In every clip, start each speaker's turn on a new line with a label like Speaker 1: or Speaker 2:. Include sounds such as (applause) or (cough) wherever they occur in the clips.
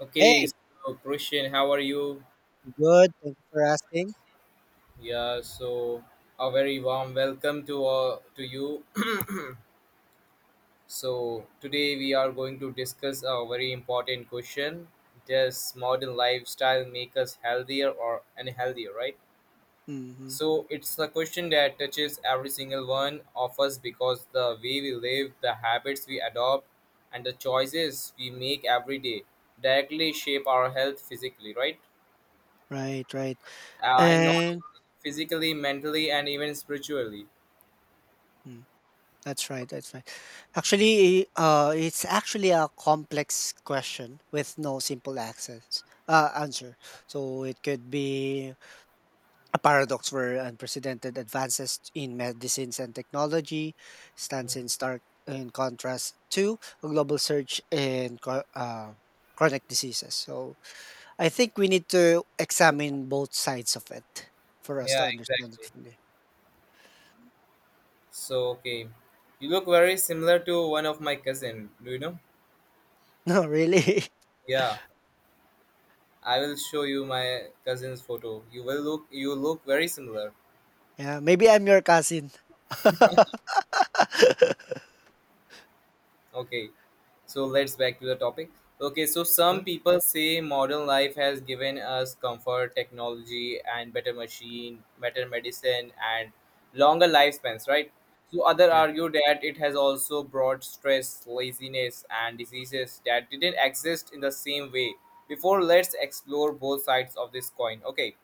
Speaker 1: Okay,
Speaker 2: Hey,
Speaker 1: so Christian, how are you?
Speaker 2: good. Thank you for asking.
Speaker 1: Yeah, so a very warm welcome to you. (clears throat) So today we are going to discuss a very important question: does modern lifestyle make us healthier or unhealthier? Right.
Speaker 2: Mhm.
Speaker 1: So it's a question that touches every single one of us because the way we live, the habits we adopt, and the choices we make every day directly shape our health physically, right?
Speaker 2: Right, right.
Speaker 1: And not
Speaker 2: And
Speaker 1: physically, mentally, and even spiritually.
Speaker 2: mm, that's right, that's right. Actually, it's actually a complex question with no simple access, answer. So it could be a paradox where unprecedented advances in medicines and technology stands
Speaker 1: Mm.
Speaker 2: in stark in contrast to a global surge in chronic diseases. So I think we need to examine both sides of it for us to
Speaker 1: Yeah,
Speaker 2: understand it
Speaker 1: exactly.
Speaker 2: fully. (laughs)
Speaker 1: So, okay. You look very similar to one of my cousin, do you know?
Speaker 2: No, really? (laughs)
Speaker 1: Yeah, I will show you my cousin's photo. You will look very similar.
Speaker 2: Yeah, maybe I'm your cousin. (laughs)
Speaker 1: Okay. So let's back to the topic. Okay, so some
Speaker 2: Sure.
Speaker 1: people say modern life has given us comfort, technology, and better machine, better medicine, and longer lifespans, right? So other
Speaker 2: Yeah.
Speaker 1: argue that it has also brought stress, laziness, and diseases that didn't exist in the same way. Before, let's explore both sides of this coin. Okay,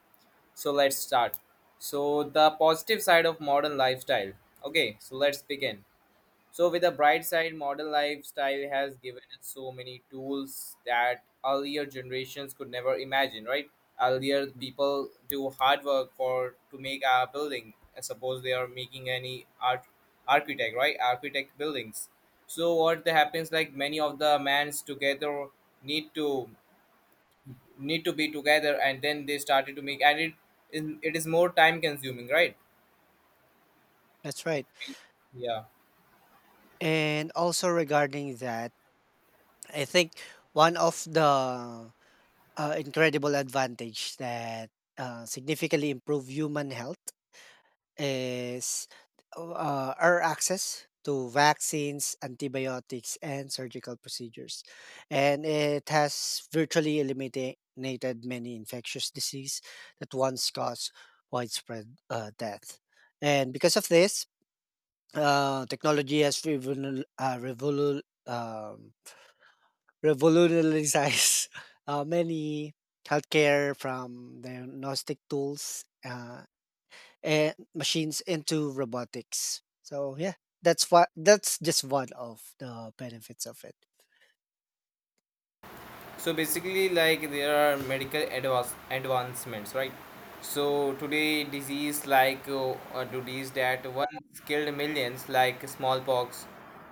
Speaker 1: so let's start. So the positive side of modern lifestyle. Okay, so let's begin. So, with the bright side, modern lifestyle has given us so many tools that earlier generations could never imagine, right? Earlier,
Speaker 2: Mm.
Speaker 1: people do hard work for to make a building. Suppose they are making any art architect, right? Architect buildings. So what the happens like many of the mans together need to need to be together, and then they started to make, and it is more time consuming, right?
Speaker 2: That's
Speaker 1: It,
Speaker 2: right.
Speaker 1: yeah,
Speaker 2: And also regarding that, I think one of the incredible advantage that significantly improve human health is our access to vaccines, antibiotics, and surgical procedures, and it has virtually eliminated many infectious disease that once caused widespread death. And because of this, technology has um, revolutionize (laughs) many healthcare from diagnostic tools and machines into robotics. So yeah, that's just one of the benefits of it.
Speaker 1: so basically like there are medical advancements, right? So today disease like a disease that once killed millions like smallpox,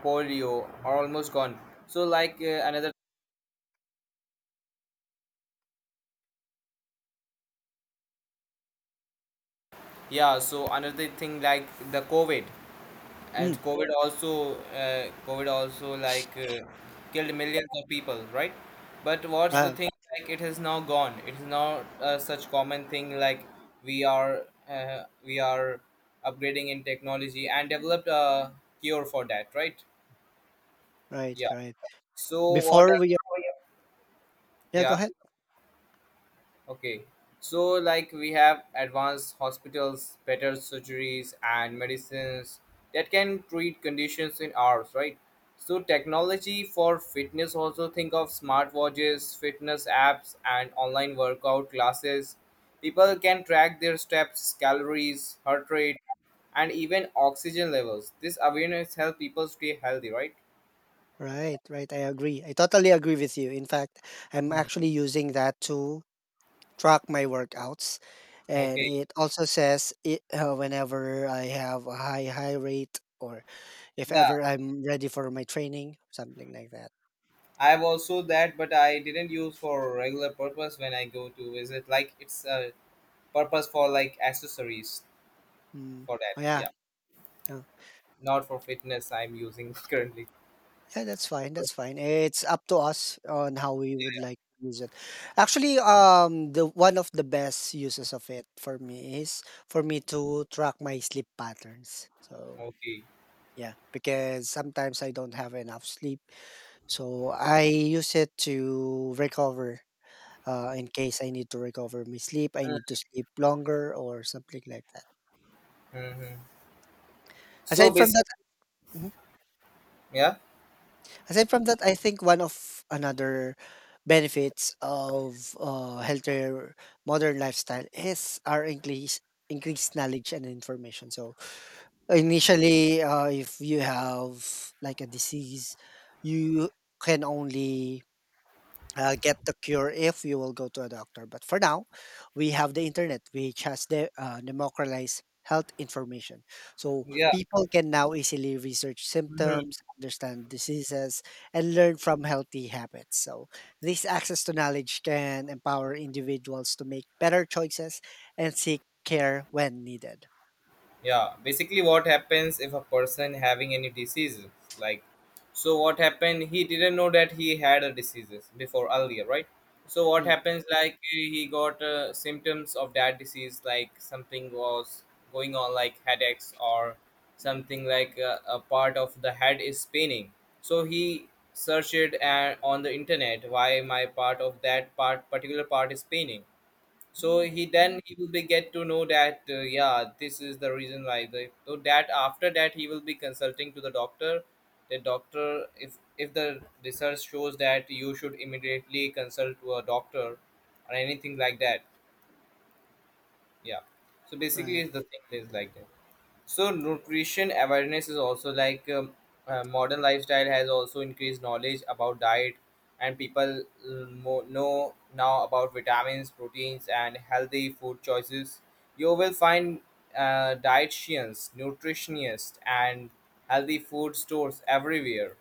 Speaker 1: polio are almost gone. So like another yeah so another thing like the covid and
Speaker 2: Mm,
Speaker 1: COVID also like killed millions of people, right? But what's the
Speaker 2: uh,
Speaker 1: thing? Like it is now gone. It is not such common thing. Like we are upgrading in technology and developed a cure for that, right?
Speaker 2: right,
Speaker 1: Yeah.
Speaker 2: right.
Speaker 1: So what
Speaker 2: Before we
Speaker 1: are,
Speaker 2: yeah, go
Speaker 1: yeah?
Speaker 2: ahead.
Speaker 1: Okay. So, like, we have advanced hospitals, better surgeries, and medicines that can treat conditions in hours, right? So, technology for fitness also, think of smartwatches, fitness apps, and online workout classes. People can track their steps, calories, heart rate, and even oxygen levels. This awareness helps people stay healthy, right?
Speaker 2: Right, right. I agree. I totally agree with you. In fact, I'm
Speaker 1: Hmm.
Speaker 2: actually using that to track my workouts, and
Speaker 1: Okay.
Speaker 2: it also says it whenever I have a high rate or if
Speaker 1: Yeah.
Speaker 2: ever I'm ready for my training, something like that.
Speaker 1: I have also that, but I didn't use for regular purpose when I go to visit. Like it's a purpose for like accessories
Speaker 2: Mm.
Speaker 1: for
Speaker 2: Oh,
Speaker 1: that.
Speaker 2: yeah,
Speaker 1: Yeah,
Speaker 2: yeah,
Speaker 1: not for fitness. I'm using (laughs) currently.
Speaker 2: yeah. That's fine. That's fine. It's up to us on how we would like to use it. Actually, the one of the best uses of it for me is for me to track my sleep patterns.
Speaker 1: Yeah,
Speaker 2: So
Speaker 1: okay.
Speaker 2: yeah, because sometimes I don't have enough sleep, so I use it to recover. In case I need to recover my sleep, I need to sleep longer or something like that.
Speaker 1: Mm-hmm. So
Speaker 2: Aside from
Speaker 1: basically,
Speaker 2: that,
Speaker 1: yeah,
Speaker 2: Aside from that, I think one of another benefits of healthier modern lifestyle is our increased knowledge and information. So initially, if you have like a disease, you can only get the cure if you will go to a doctor. But for now, we have the internet, which has the democratized health information. So
Speaker 1: yeah.
Speaker 2: people can now easily research
Speaker 1: Mhm.
Speaker 2: symptoms, understand diseases, and learn from healthy habits. So this access to knowledge can empower individuals to make better choices and seek care when needed.
Speaker 1: Yeah, basically what happens if a person having any diseases, like, so what happened, he didn't know that he had a diseases before earlier, right? So what
Speaker 2: Mm,
Speaker 1: happens, like he got symptoms of that disease, like something was going on like headaches or something, like a part of the head is paining. So he searched on the internet, why my particular part is paining. So he then he will be get to know that yeah, this is the reason why. The so that after that he will be consulting to the doctor, the doctor. If the research shows that you should immediately consult to a doctor or anything like that, yeah. So basically
Speaker 2: right,
Speaker 1: it's the thing is like that. So nutrition awareness is also like modern lifestyle has also increased knowledge about diet, and people know now about vitamins, proteins, and healthy food choices. You will find dietitians, nutritionists, and healthy food stores everywhere.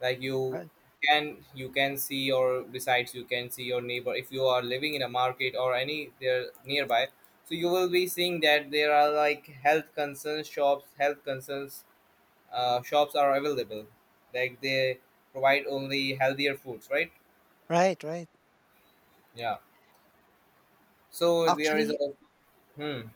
Speaker 1: Like you
Speaker 2: right,
Speaker 1: can you can see, or besides you can see your neighbor. If you are living in a market or any there nearby, so you will be seeing that there are like health concerns shops, health concerns shops are available. Like they provide only healthier foods, right?
Speaker 2: right, right.
Speaker 1: Yeah. So there is
Speaker 2: Actually,
Speaker 1: a, hmm,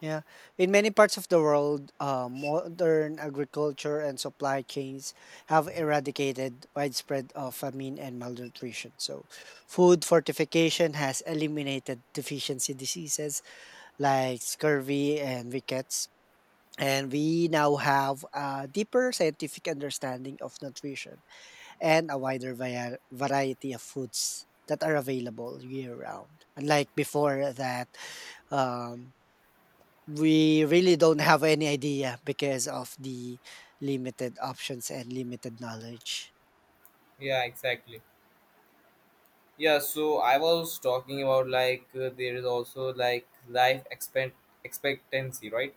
Speaker 2: Yeah. In many parts of the world, (laughs) modern agriculture and supply chains have eradicated widespread of famine and malnutrition. So, food fortification has eliminated deficiency diseases like scurvy and rickets. And we now have a deeper scientific understanding of nutrition and a wider variety of foods that are available year round. Unlike before, that um, we really don't have any idea because of the limited options and limited knowledge.
Speaker 1: yeah, exactly. Yeah, so I was talking about like there is also like life expectancy, right?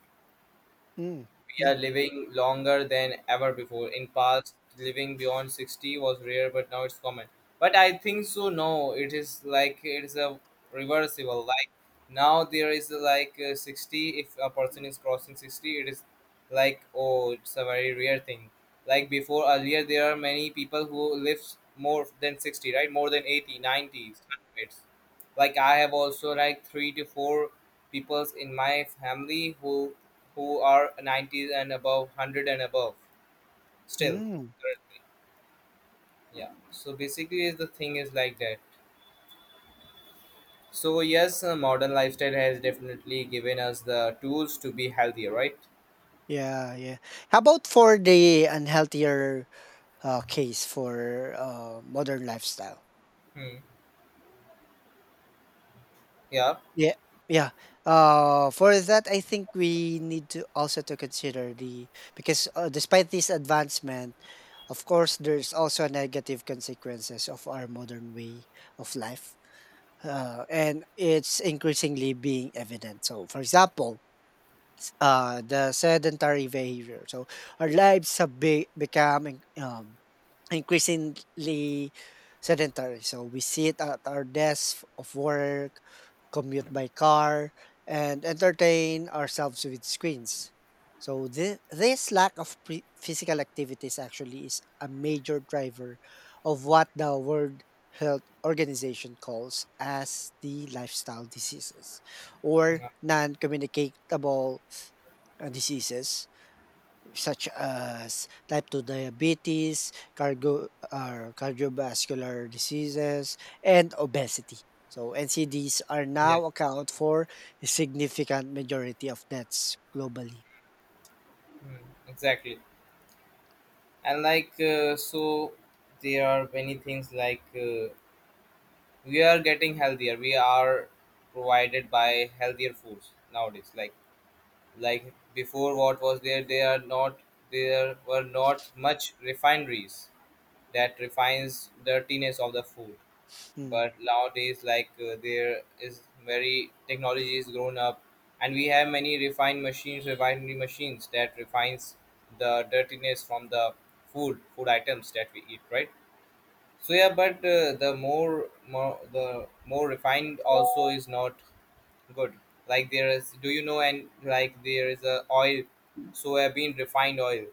Speaker 2: Mm,
Speaker 1: We
Speaker 2: yeah.
Speaker 1: are living longer than ever before. In past, living beyond 60 was rare, but now it's common. But I think so. No, it is like it's a reversible. Like now there is like 60. If a person is crossing 60, it is like oh, it's a very rare thing. Like before earlier, there are many people who lives more than 60, right? More than 80, 100s. Like I have also like 3 to 4 peoples in my family who are 90s and above, 100 and above still.
Speaker 2: Mm,
Speaker 1: Yeah, so basically is the thing is like that. So yes, modern lifestyle has definitely given us the tools to be healthier, right?
Speaker 2: yeah, yeah. How about for the unhealthier case for modern lifestyle?
Speaker 1: Hmm. Yeah,
Speaker 2: Yeah, yeah. For that, I think we need to also to consider the because despite this advancement, of course, there's also negative consequences of our modern way of life. And it's increasingly being evident. So, for example, the sedentary behavior. So, our lives have become um, increasingly sedentary. So we sit at our desk of work, commute by car, and entertain ourselves with screens. So this lack of physical activities actually is a major driver of what the World Health Organization calls as the lifestyle diseases or
Speaker 1: yeah,
Speaker 2: non-communicable diseases such as type 2 diabetes, cargo or cardiovascular diseases, and obesity. So NCDs are
Speaker 1: yeah.
Speaker 2: now account for a significant majority of deaths globally.
Speaker 1: Hmm. Exactly. And like so there are many things like we are getting healthier, we are provided by healthier foods nowadays. Like before what was there they are not, there were not much refineries that refines dirtiness of the food.
Speaker 2: Mm.
Speaker 1: But nowadays like there is very technology is grown up, and we have many refined machines, refinery machines that refines the dirtiness from the food items that we eat, right? So yeah, but the more refined also is not good. Like there is, do you know? And like there is a oil, soybean refined oil.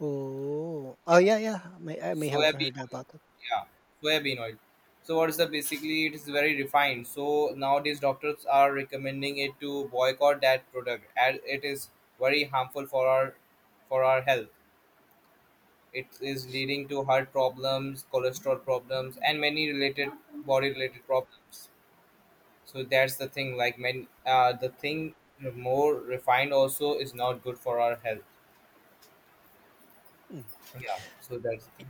Speaker 2: Oh, oh
Speaker 1: Yeah,
Speaker 2: yeah, yeah. May, I may have
Speaker 1: soybean
Speaker 2: heard
Speaker 1: oil.
Speaker 2: about it.
Speaker 1: Yeah, soybean oil. So what is the basically? It is very refined. So nowadays doctors are recommending it to boycott that product, as it is very harmful for our health. It is leading to heart problems, cholesterol problems, and many related body related problems. So that's the thing. Like many, the thing more refined also is not good for our health.
Speaker 2: Mm.
Speaker 1: Yeah. So that's. The thing.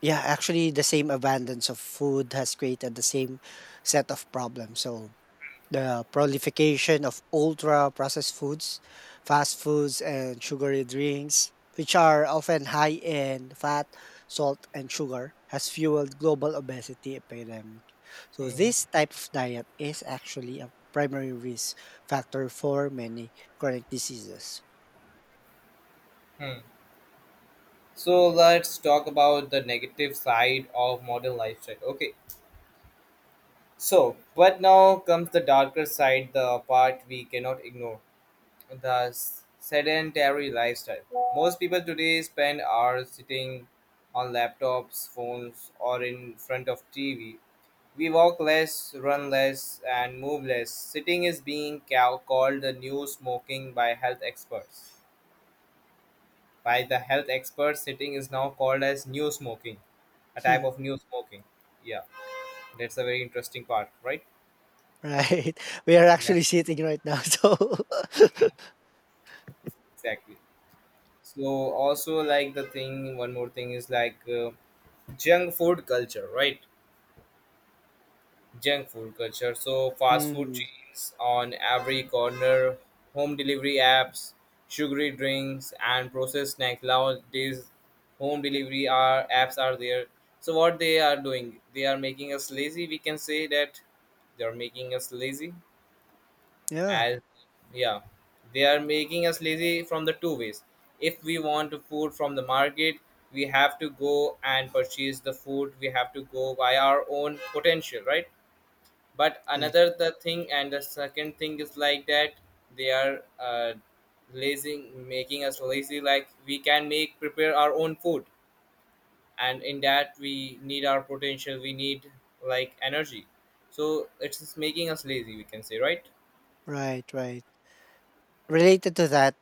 Speaker 2: Yeah, actually, the same abundance of food has created the same set of problems. So The proliferation of ultra processed foods, fast foods, and sugary drinks, which are often high in fat, salt, and sugar, has fueled global obesity epidemic. So, this type of diet is actually a primary risk factor for many chronic diseases.
Speaker 1: Hmm. Hmm. So let's talk about the negative side of modern lifestyle. Okay. So, but now comes the darker side, the part we cannot ignore, the sedentary lifestyle. Most people today spend hours sitting on laptops, phones, or in front of TV. We walk less, run less, and move less. Sitting is being called the new smoking by health experts. By the health experts, sitting is now called as new smoking, a type
Speaker 2: Hmm,
Speaker 1: of new smoking. Yeah, that's a very interesting part, right?
Speaker 2: right, (laughs) we are
Speaker 1: Yeah,
Speaker 2: actually sitting right now, (laughs) so (laughs)
Speaker 1: exactly. So also like the thing, one more thing is like junk food culture, right? Junk food culture. So fast food
Speaker 2: Mm,
Speaker 1: chains on every corner, home delivery apps, sugary drinks, and processed snacks. Nowadays, home delivery are apps are there. So what they are doing? They are making us lazy. We can say that they are making us lazy.
Speaker 2: yeah.
Speaker 1: As, yeah, they are making us lazy from the two ways. If we want food from the market, we have to go and purchase the food. We have to go by our own potential, right? But
Speaker 2: Right.
Speaker 1: another the thing, and the second thing is like that they are lazy, making us lazy. Like we can make prepare our own food, and in that we need our potential, we need like energy. So it's just making us lazy, we can say, right?
Speaker 2: Right, right. Related to that,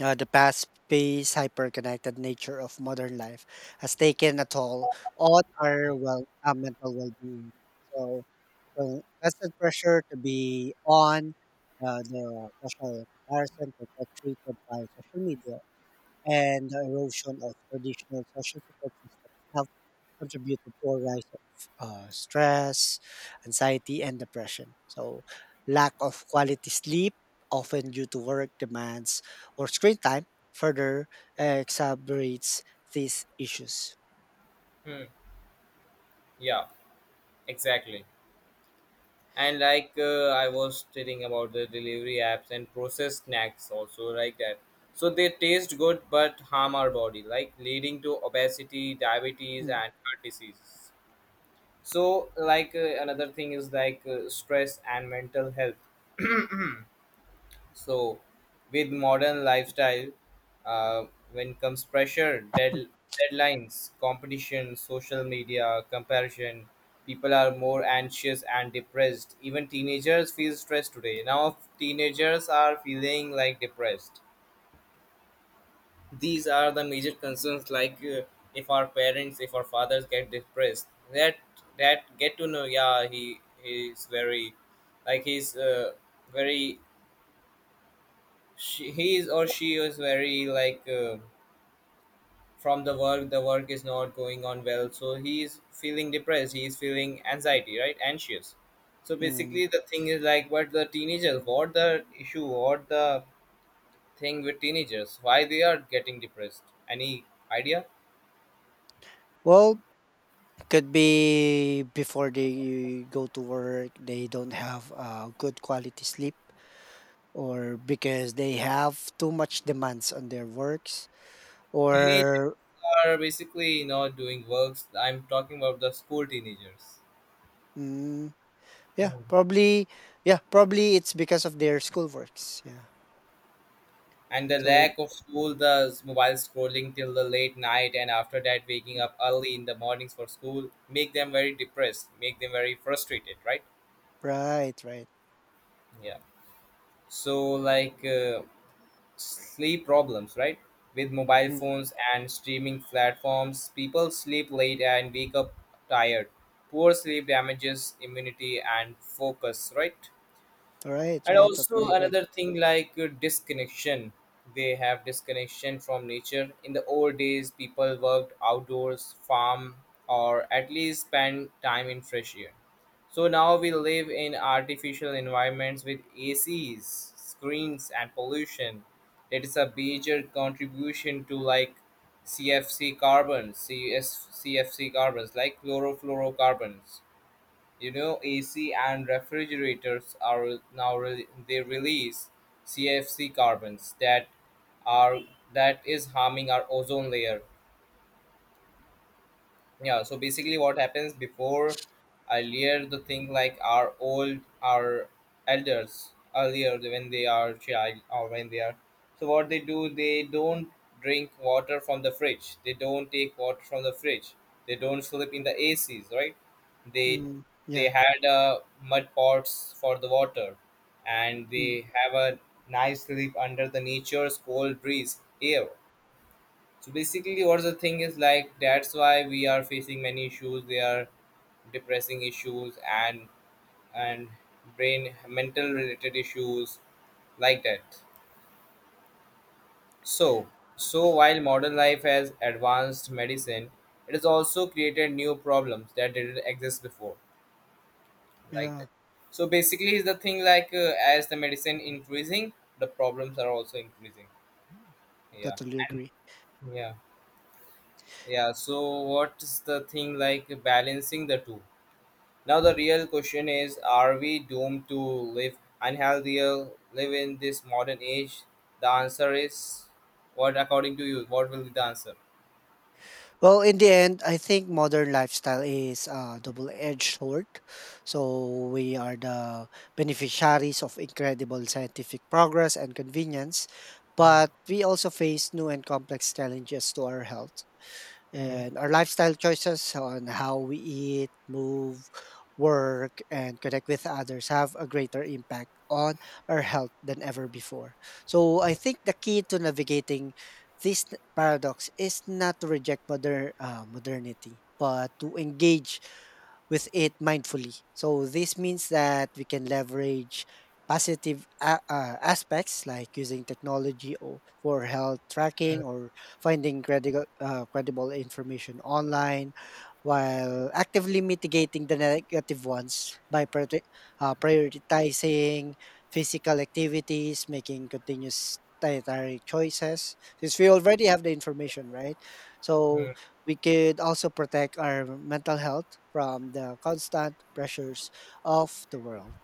Speaker 2: the fast-paced, hyper-connected nature of modern life has taken a toll on our mental well-being. So, constant pressure to be on the social comparison perpetuated by social media and the erosion of traditional social support systems have contributed to a rise of stress, anxiety, and depression. So, lack of quality sleep, often due to work demands or screen time, further exacerbates these issues.
Speaker 1: Hmm. Yeah, exactly. And like I was telling about the delivery apps and processed snacks also like that. So they taste good but harm our body like leading to obesity, diabetes,
Speaker 2: Mm,
Speaker 1: and heart diseases. So like another thing is like stress and mental health. (clears throat) So, with modern lifestyle, uh, when comes deadlines, competition, social media, comparison, people are more anxious and depressed. Even teenagers feel stressed today. Now, teenagers are feeling like depressed. These are the major concerns. If our parents, if our fathers get depressed, that get to know, yeah, he is very, like he's very he is or she is very from the work is not going on well, so he is feeling depressed, he is feeling anxiety, right, anxious. So
Speaker 2: mm.
Speaker 1: basically the thing is like what the teenagers, what the issue, what the thing with teenagers, why they are getting depressed? Any idea?
Speaker 2: Well, could be before they go to work, they don't have good quality sleep, or because they have too much demands on their works
Speaker 1: Teenagers
Speaker 2: Or
Speaker 1: are basically not doing works, I'm talking about the school teenagers.
Speaker 2: mm, yeah, probably yeah, probably it's because of their schoolworks. Yeah.
Speaker 1: And the
Speaker 2: So
Speaker 1: lack of school, the mobile scrolling till the late night and after that waking
Speaker 2: mm,
Speaker 1: up early in the mornings for school make them very depressed, make them very frustrated, right?
Speaker 2: right, right.
Speaker 1: Yeah, so like uh, sleep problems, right? With mobile
Speaker 2: Mm,
Speaker 1: phones and streaming platforms people sleep late and wake up tired. Poor sleep damages immunity and focus, right?
Speaker 2: right,
Speaker 1: And
Speaker 2: right.
Speaker 1: also
Speaker 2: Totally agree.
Speaker 1: another thing disconnection. They have disconnection from nature. In the old days people worked outdoors, farm or at least spend time in fresh air. So now we live in artificial environments with ACs, screens and pollution. That is a major contribution to like cfc carbons cs CFC carbons, like chlorofluorocarbons. You know, AC and refrigerators are now they release CFC carbons that are that is harming our ozone layer. Yeah, so basically what happens before, earlier, the thing like our old our elders earlier, when they are child or when they are, so what they do, they don't take water from the fridge, they don't sleep in the ACs, right? they
Speaker 2: Mm,
Speaker 1: they
Speaker 2: yeah.
Speaker 1: had mud pots for the water and
Speaker 2: Mm,
Speaker 1: they have a nice sleep under the nature's cold breeze air. So basically, what's the thing is like that's why we are facing many issues. They are depressing issues and and brain mental related issues like that. So so while modern life has advanced medicine, it has also created new problems that didn't exist before like that.
Speaker 2: yeah.
Speaker 1: So basically, is the thing as the medicine increasing, the problems are also increasing. Yeah.
Speaker 2: Totally
Speaker 1: and
Speaker 2: agree.
Speaker 1: yeah Yeah. So what is the thing like balancing the two? Now the real question is, are we doomed to live unhealthier, live in this modern age? The answer is, what according to you, what will be the answer?
Speaker 2: Well, in the end, I think modern lifestyle is a double-edged sword. So we are the beneficiaries of incredible scientific progress and convenience,
Speaker 1: Hmm.
Speaker 2: but we also face new and complex challenges to our health
Speaker 1: Hmm.
Speaker 2: and our lifestyle choices on how we eat, move, work, and connect with others have a greater impact on our health than ever before. So I think the key to navigating this paradox is not to reject modernity, but to engage with it mindfully. So this means that we can leverage positive aspects like using technology or for health tracking or finding credible information online while actively mitigating the negative ones by prioritizing physical activities, making continuous dietary choices since we already have the information, right?
Speaker 1: Hmm.
Speaker 2: So we could also protect our mental health from the constant pressures of the world.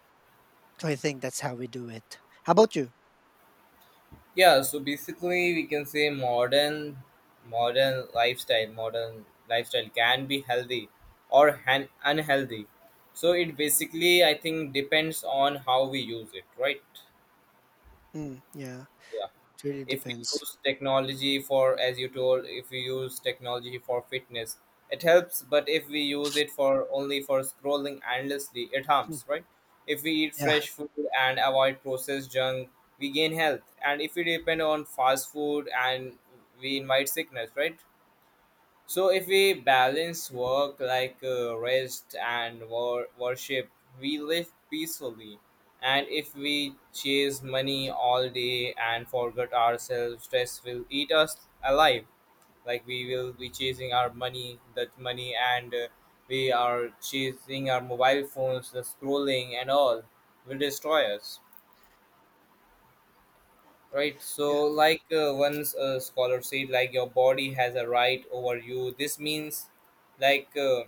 Speaker 2: So I think that's how we do it. How about you?
Speaker 1: Yeah, so basically we can say modern lifestyle can be healthy or unhealthy. So it basically I think depends on how we use it, right?
Speaker 2: Mm, yeah, it really
Speaker 1: If we
Speaker 2: depends.
Speaker 1: use technology for, as you told, if we use technology for fitness it helps, but if we use it for only for scrolling endlessly it
Speaker 2: Mm,
Speaker 1: harms, right? If we eat
Speaker 2: yeah,
Speaker 1: fresh food and avoid processed junk we gain health, and if we depend on fast food and we invite sickness, right? So if we balance work rest and worship, we live peacefully. And if we chase money all day and forget ourselves, stress will eat us alive. Like we will be chasing our money, that money, and we are chasing our mobile phones, the scrolling and all will destroy us. Right. So,
Speaker 2: yeah,
Speaker 1: once a scholar said, like your body has a right over you. This means, like.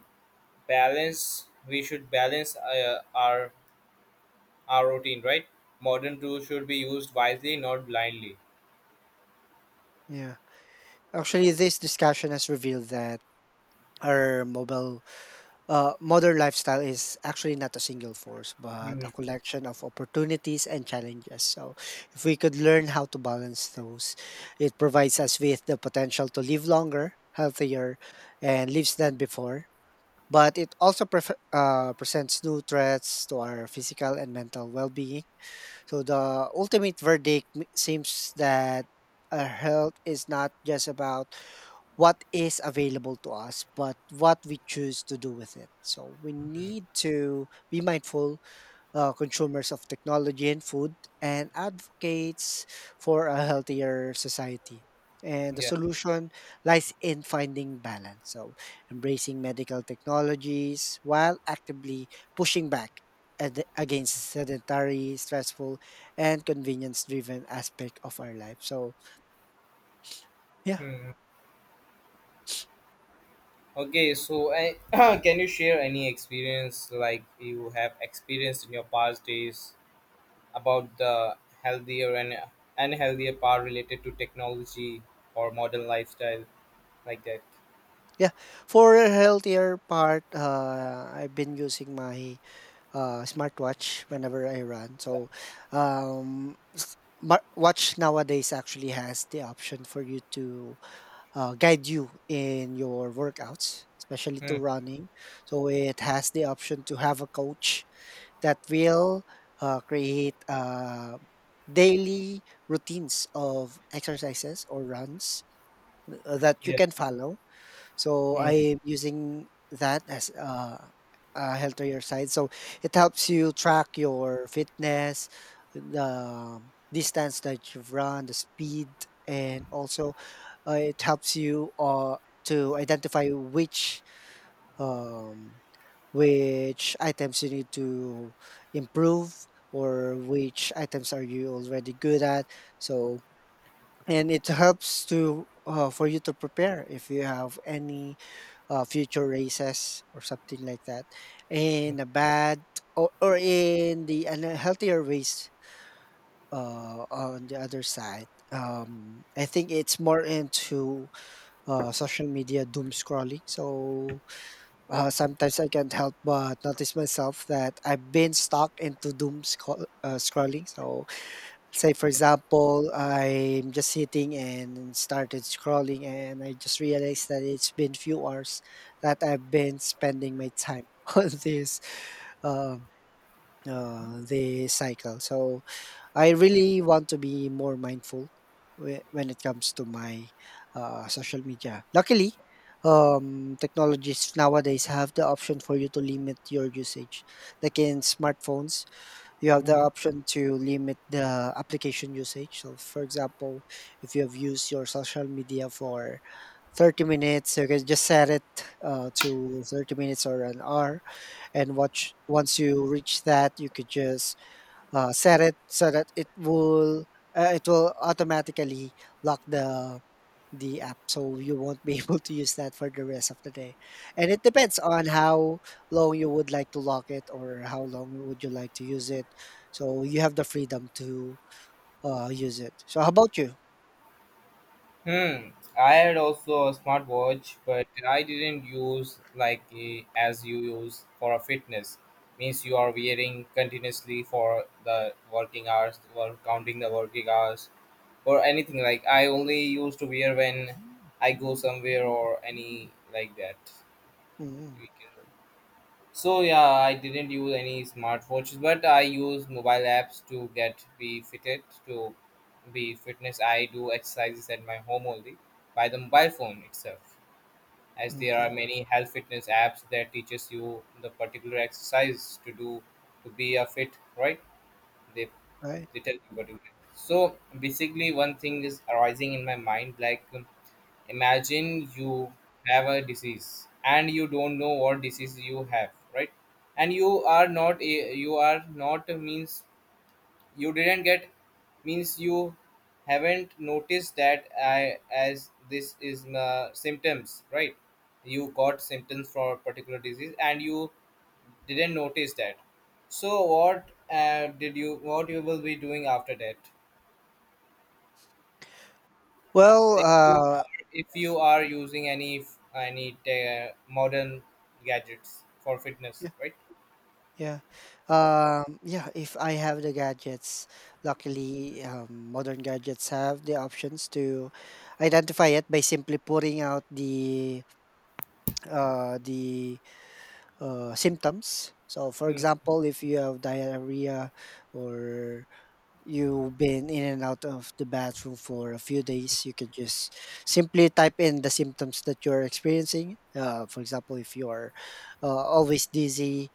Speaker 1: Balance we should balance our routine, right? Modern tools should be used wisely, not blindly.
Speaker 2: yeah. Actually, this discussion has revealed that our mobile modern lifestyle is actually not a single force, but
Speaker 1: Hmm.
Speaker 2: a collection of opportunities and challenges. So, if we could learn how to balance those, it provides us with the potential to live longer, healthier, and lives than before. But it also presents new threats to our physical and mental well being. So, the ultimate verdict seems that our health is not just about what is available to us, but what we choose to do with it. So we need to be mindful consumers of technology and food and advocates for a healthier society. And the
Speaker 1: Yeah.
Speaker 2: solution lies in finding balance. So embracing medical technologies while actively pushing back at against sedentary, stressful, and convenience driven aspect of our life. So yeah.
Speaker 1: Hmm. Okay, so I, (clears throat) can you share any experience like you have experienced in your past days about the healthier and unhealthier part related to technology or modern lifestyle like that?
Speaker 2: Yeah, for a healthier part, I've been using my smartwatch whenever I run. So, smart watch nowadays actually has the option for you to guide you in your workouts, especially to
Speaker 1: Hmm.
Speaker 2: running. So it has the option to have a coach that will create daily routines of exercises or runs that you
Speaker 1: Yeah.
Speaker 2: can follow, so I am using that as a healthier your side. So it helps you track your fitness, the distance that you've run, the speed, and also it helps you to identify um, which items you need to improve or which items are you already good at, so and it helps to for you to prepare if you have any future races or something like that, in a bad or in the unhealthier ways on the other side. I think it's more into social media doom scrolling. So sometimes I can't help but notice myself that I've been stuck into scrolling. So say for example, I'm just sitting and started scrolling, and I just realized that it's been few hours that I've been spending my time (laughs) on this um the cycle. So I really want to be more mindful when it comes to my social media. Luckily technologies nowadays have the option for you to limit your usage, like in smartphones you have the
Speaker 1: Hmm.
Speaker 2: option to limit the application usage. So, for example, if you have used your social media for 30 minutes, you can just set it to 30 minutes or an hour. And watch, once you reach that, you could just set it so that it will automatically lock the app so you won't be (laughs) able to use that for the rest of the day, and it depends on how long you would like to lock it or how long would you like to use it. So you have the freedom to I'll use it. So how about you?
Speaker 1: Hmm. I had also a smartwatch, but I didn't use like eh, as you use for a fitness. Means you are wearing continuously for the working hours or counting the working hours or anything, like I only used to wear when I go somewhere or any like that.
Speaker 2: Mm.
Speaker 1: We can. So yeah, I didn't use any smartwatches, but I use mobile apps to get be fitted to be fitness. I do exercises at my home only by the mobile phone itself, as there are
Speaker 2: Okay,
Speaker 1: many health fitness apps that teaches you the particular exercise to do to be a fit. Right? They
Speaker 2: right.
Speaker 1: they tell you what you do. So basically, one thing is arising in my mind like imagine you have a disease and you don't know what disease you have, right? And you are not you are not, means you didn't get, means you haven't noticed that I, as this is symptoms, right? You got symptoms for a particular disease and you didn't notice that. So what did you, what you will be doing after that,
Speaker 2: Well,
Speaker 1: if you are using any modern gadgets for fitness, right?
Speaker 2: yeah. Yeah, if I have the gadgets, luckily, modern gadgets have the options to identify it by simply putting out the symptoms. So, for
Speaker 1: Hmm.
Speaker 2: example, if you have diarrhea or you've been in and out of the bathroom for a few days, you can just simply type in the symptoms that you're experiencing. For example, if you're always dizzy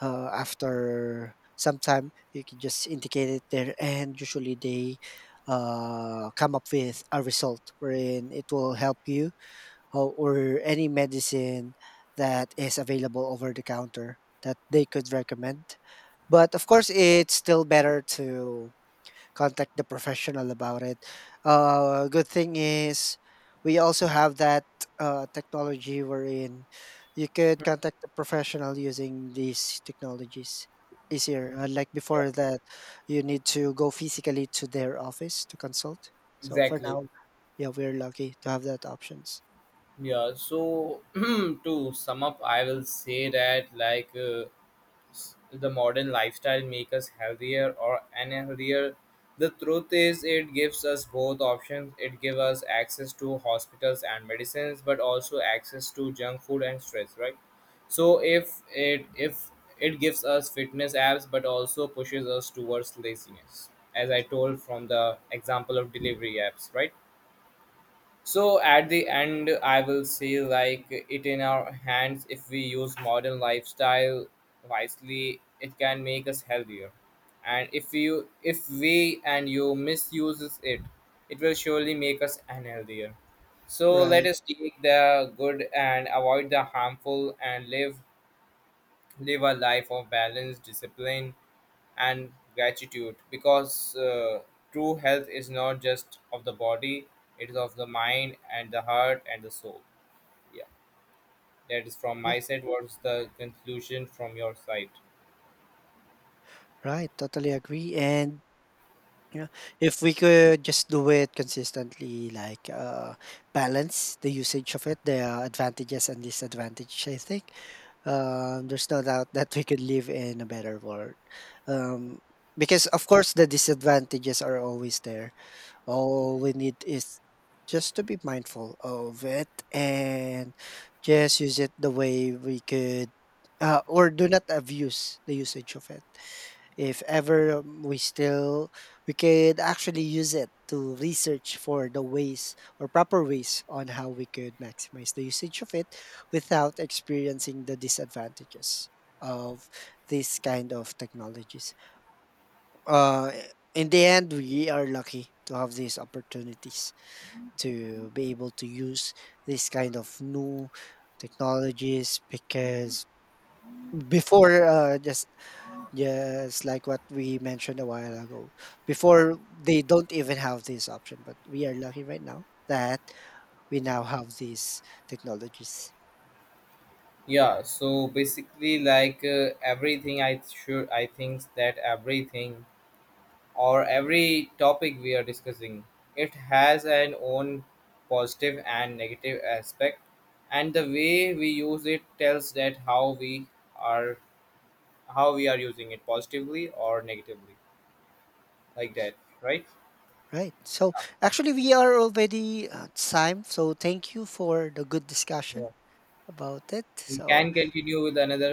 Speaker 2: after some time, you can just indicate it there, and usually they come up with a result wherein it will help you or any medicine that is available over the counter that they could recommend. But of course, it's still better to contact the professional about it. Good thing is, we also have that technology wherein you could contact the professional using these technologies easier. Unlike
Speaker 1: Yeah,
Speaker 2: before that, you need to go physically to their office to consult. So for
Speaker 1: exactly.
Speaker 2: now, yeah, we're lucky to have that options.
Speaker 1: Yeah. So (clears throat) to sum up, I will say that the modern lifestyle make us healthier or unhealthier. The truth is, it gives us both options. It gives us access to hospitals and medicines, but also access to junk food and stress, right? So if it gives us fitness apps, but also pushes us towards laziness, as I told from the example of delivery apps, right? So at the end, I will say like it in our hands. If we use modern lifestyle wisely, it can make us healthier. And if you, if we and you misuses it, it will surely make us unhealthier. So let
Speaker 2: Right.
Speaker 1: us take the good and avoid the harmful and live a life of balance, discipline, and gratitude because true health is not just of the body, it is of the mind and the heart and the soul. Yeah, that is from my
Speaker 2: Yeah.
Speaker 1: side. What's the conclusion from your side?
Speaker 2: Right. Totally agree. And yeah, if we could just do it consistently, like, balance the usage of it, the advantages and disadvantages. I think, there's no doubt (laughs) that we could live in a better world. Um, because of course the disadvantages are always there. All we need is just to be mindful of it and just use it the way we could, or do not abuse the usage of it. If ever we could actually use it to research for the ways or proper ways on how we could maximize the usage of it without experiencing the disadvantages of this kind of technologies. Uh, in the end, we are lucky to have these opportunities to be able to use this kind of new technologies because before just yes, like what we mentioned a while ago. Before they don't even have this option, but we are lucky right now that we now have these technologies.
Speaker 1: Yeah, so basically everything I think that everything or every topic we are discussing, it has an own positive and negative aspect, and the way we use it tells that are how we are using it, positively or negatively, like that, right?
Speaker 2: Right. So actually, we are already at time. So thank you for the good discussion
Speaker 1: Yeah,
Speaker 2: about it.
Speaker 1: we
Speaker 2: So
Speaker 1: can continue with another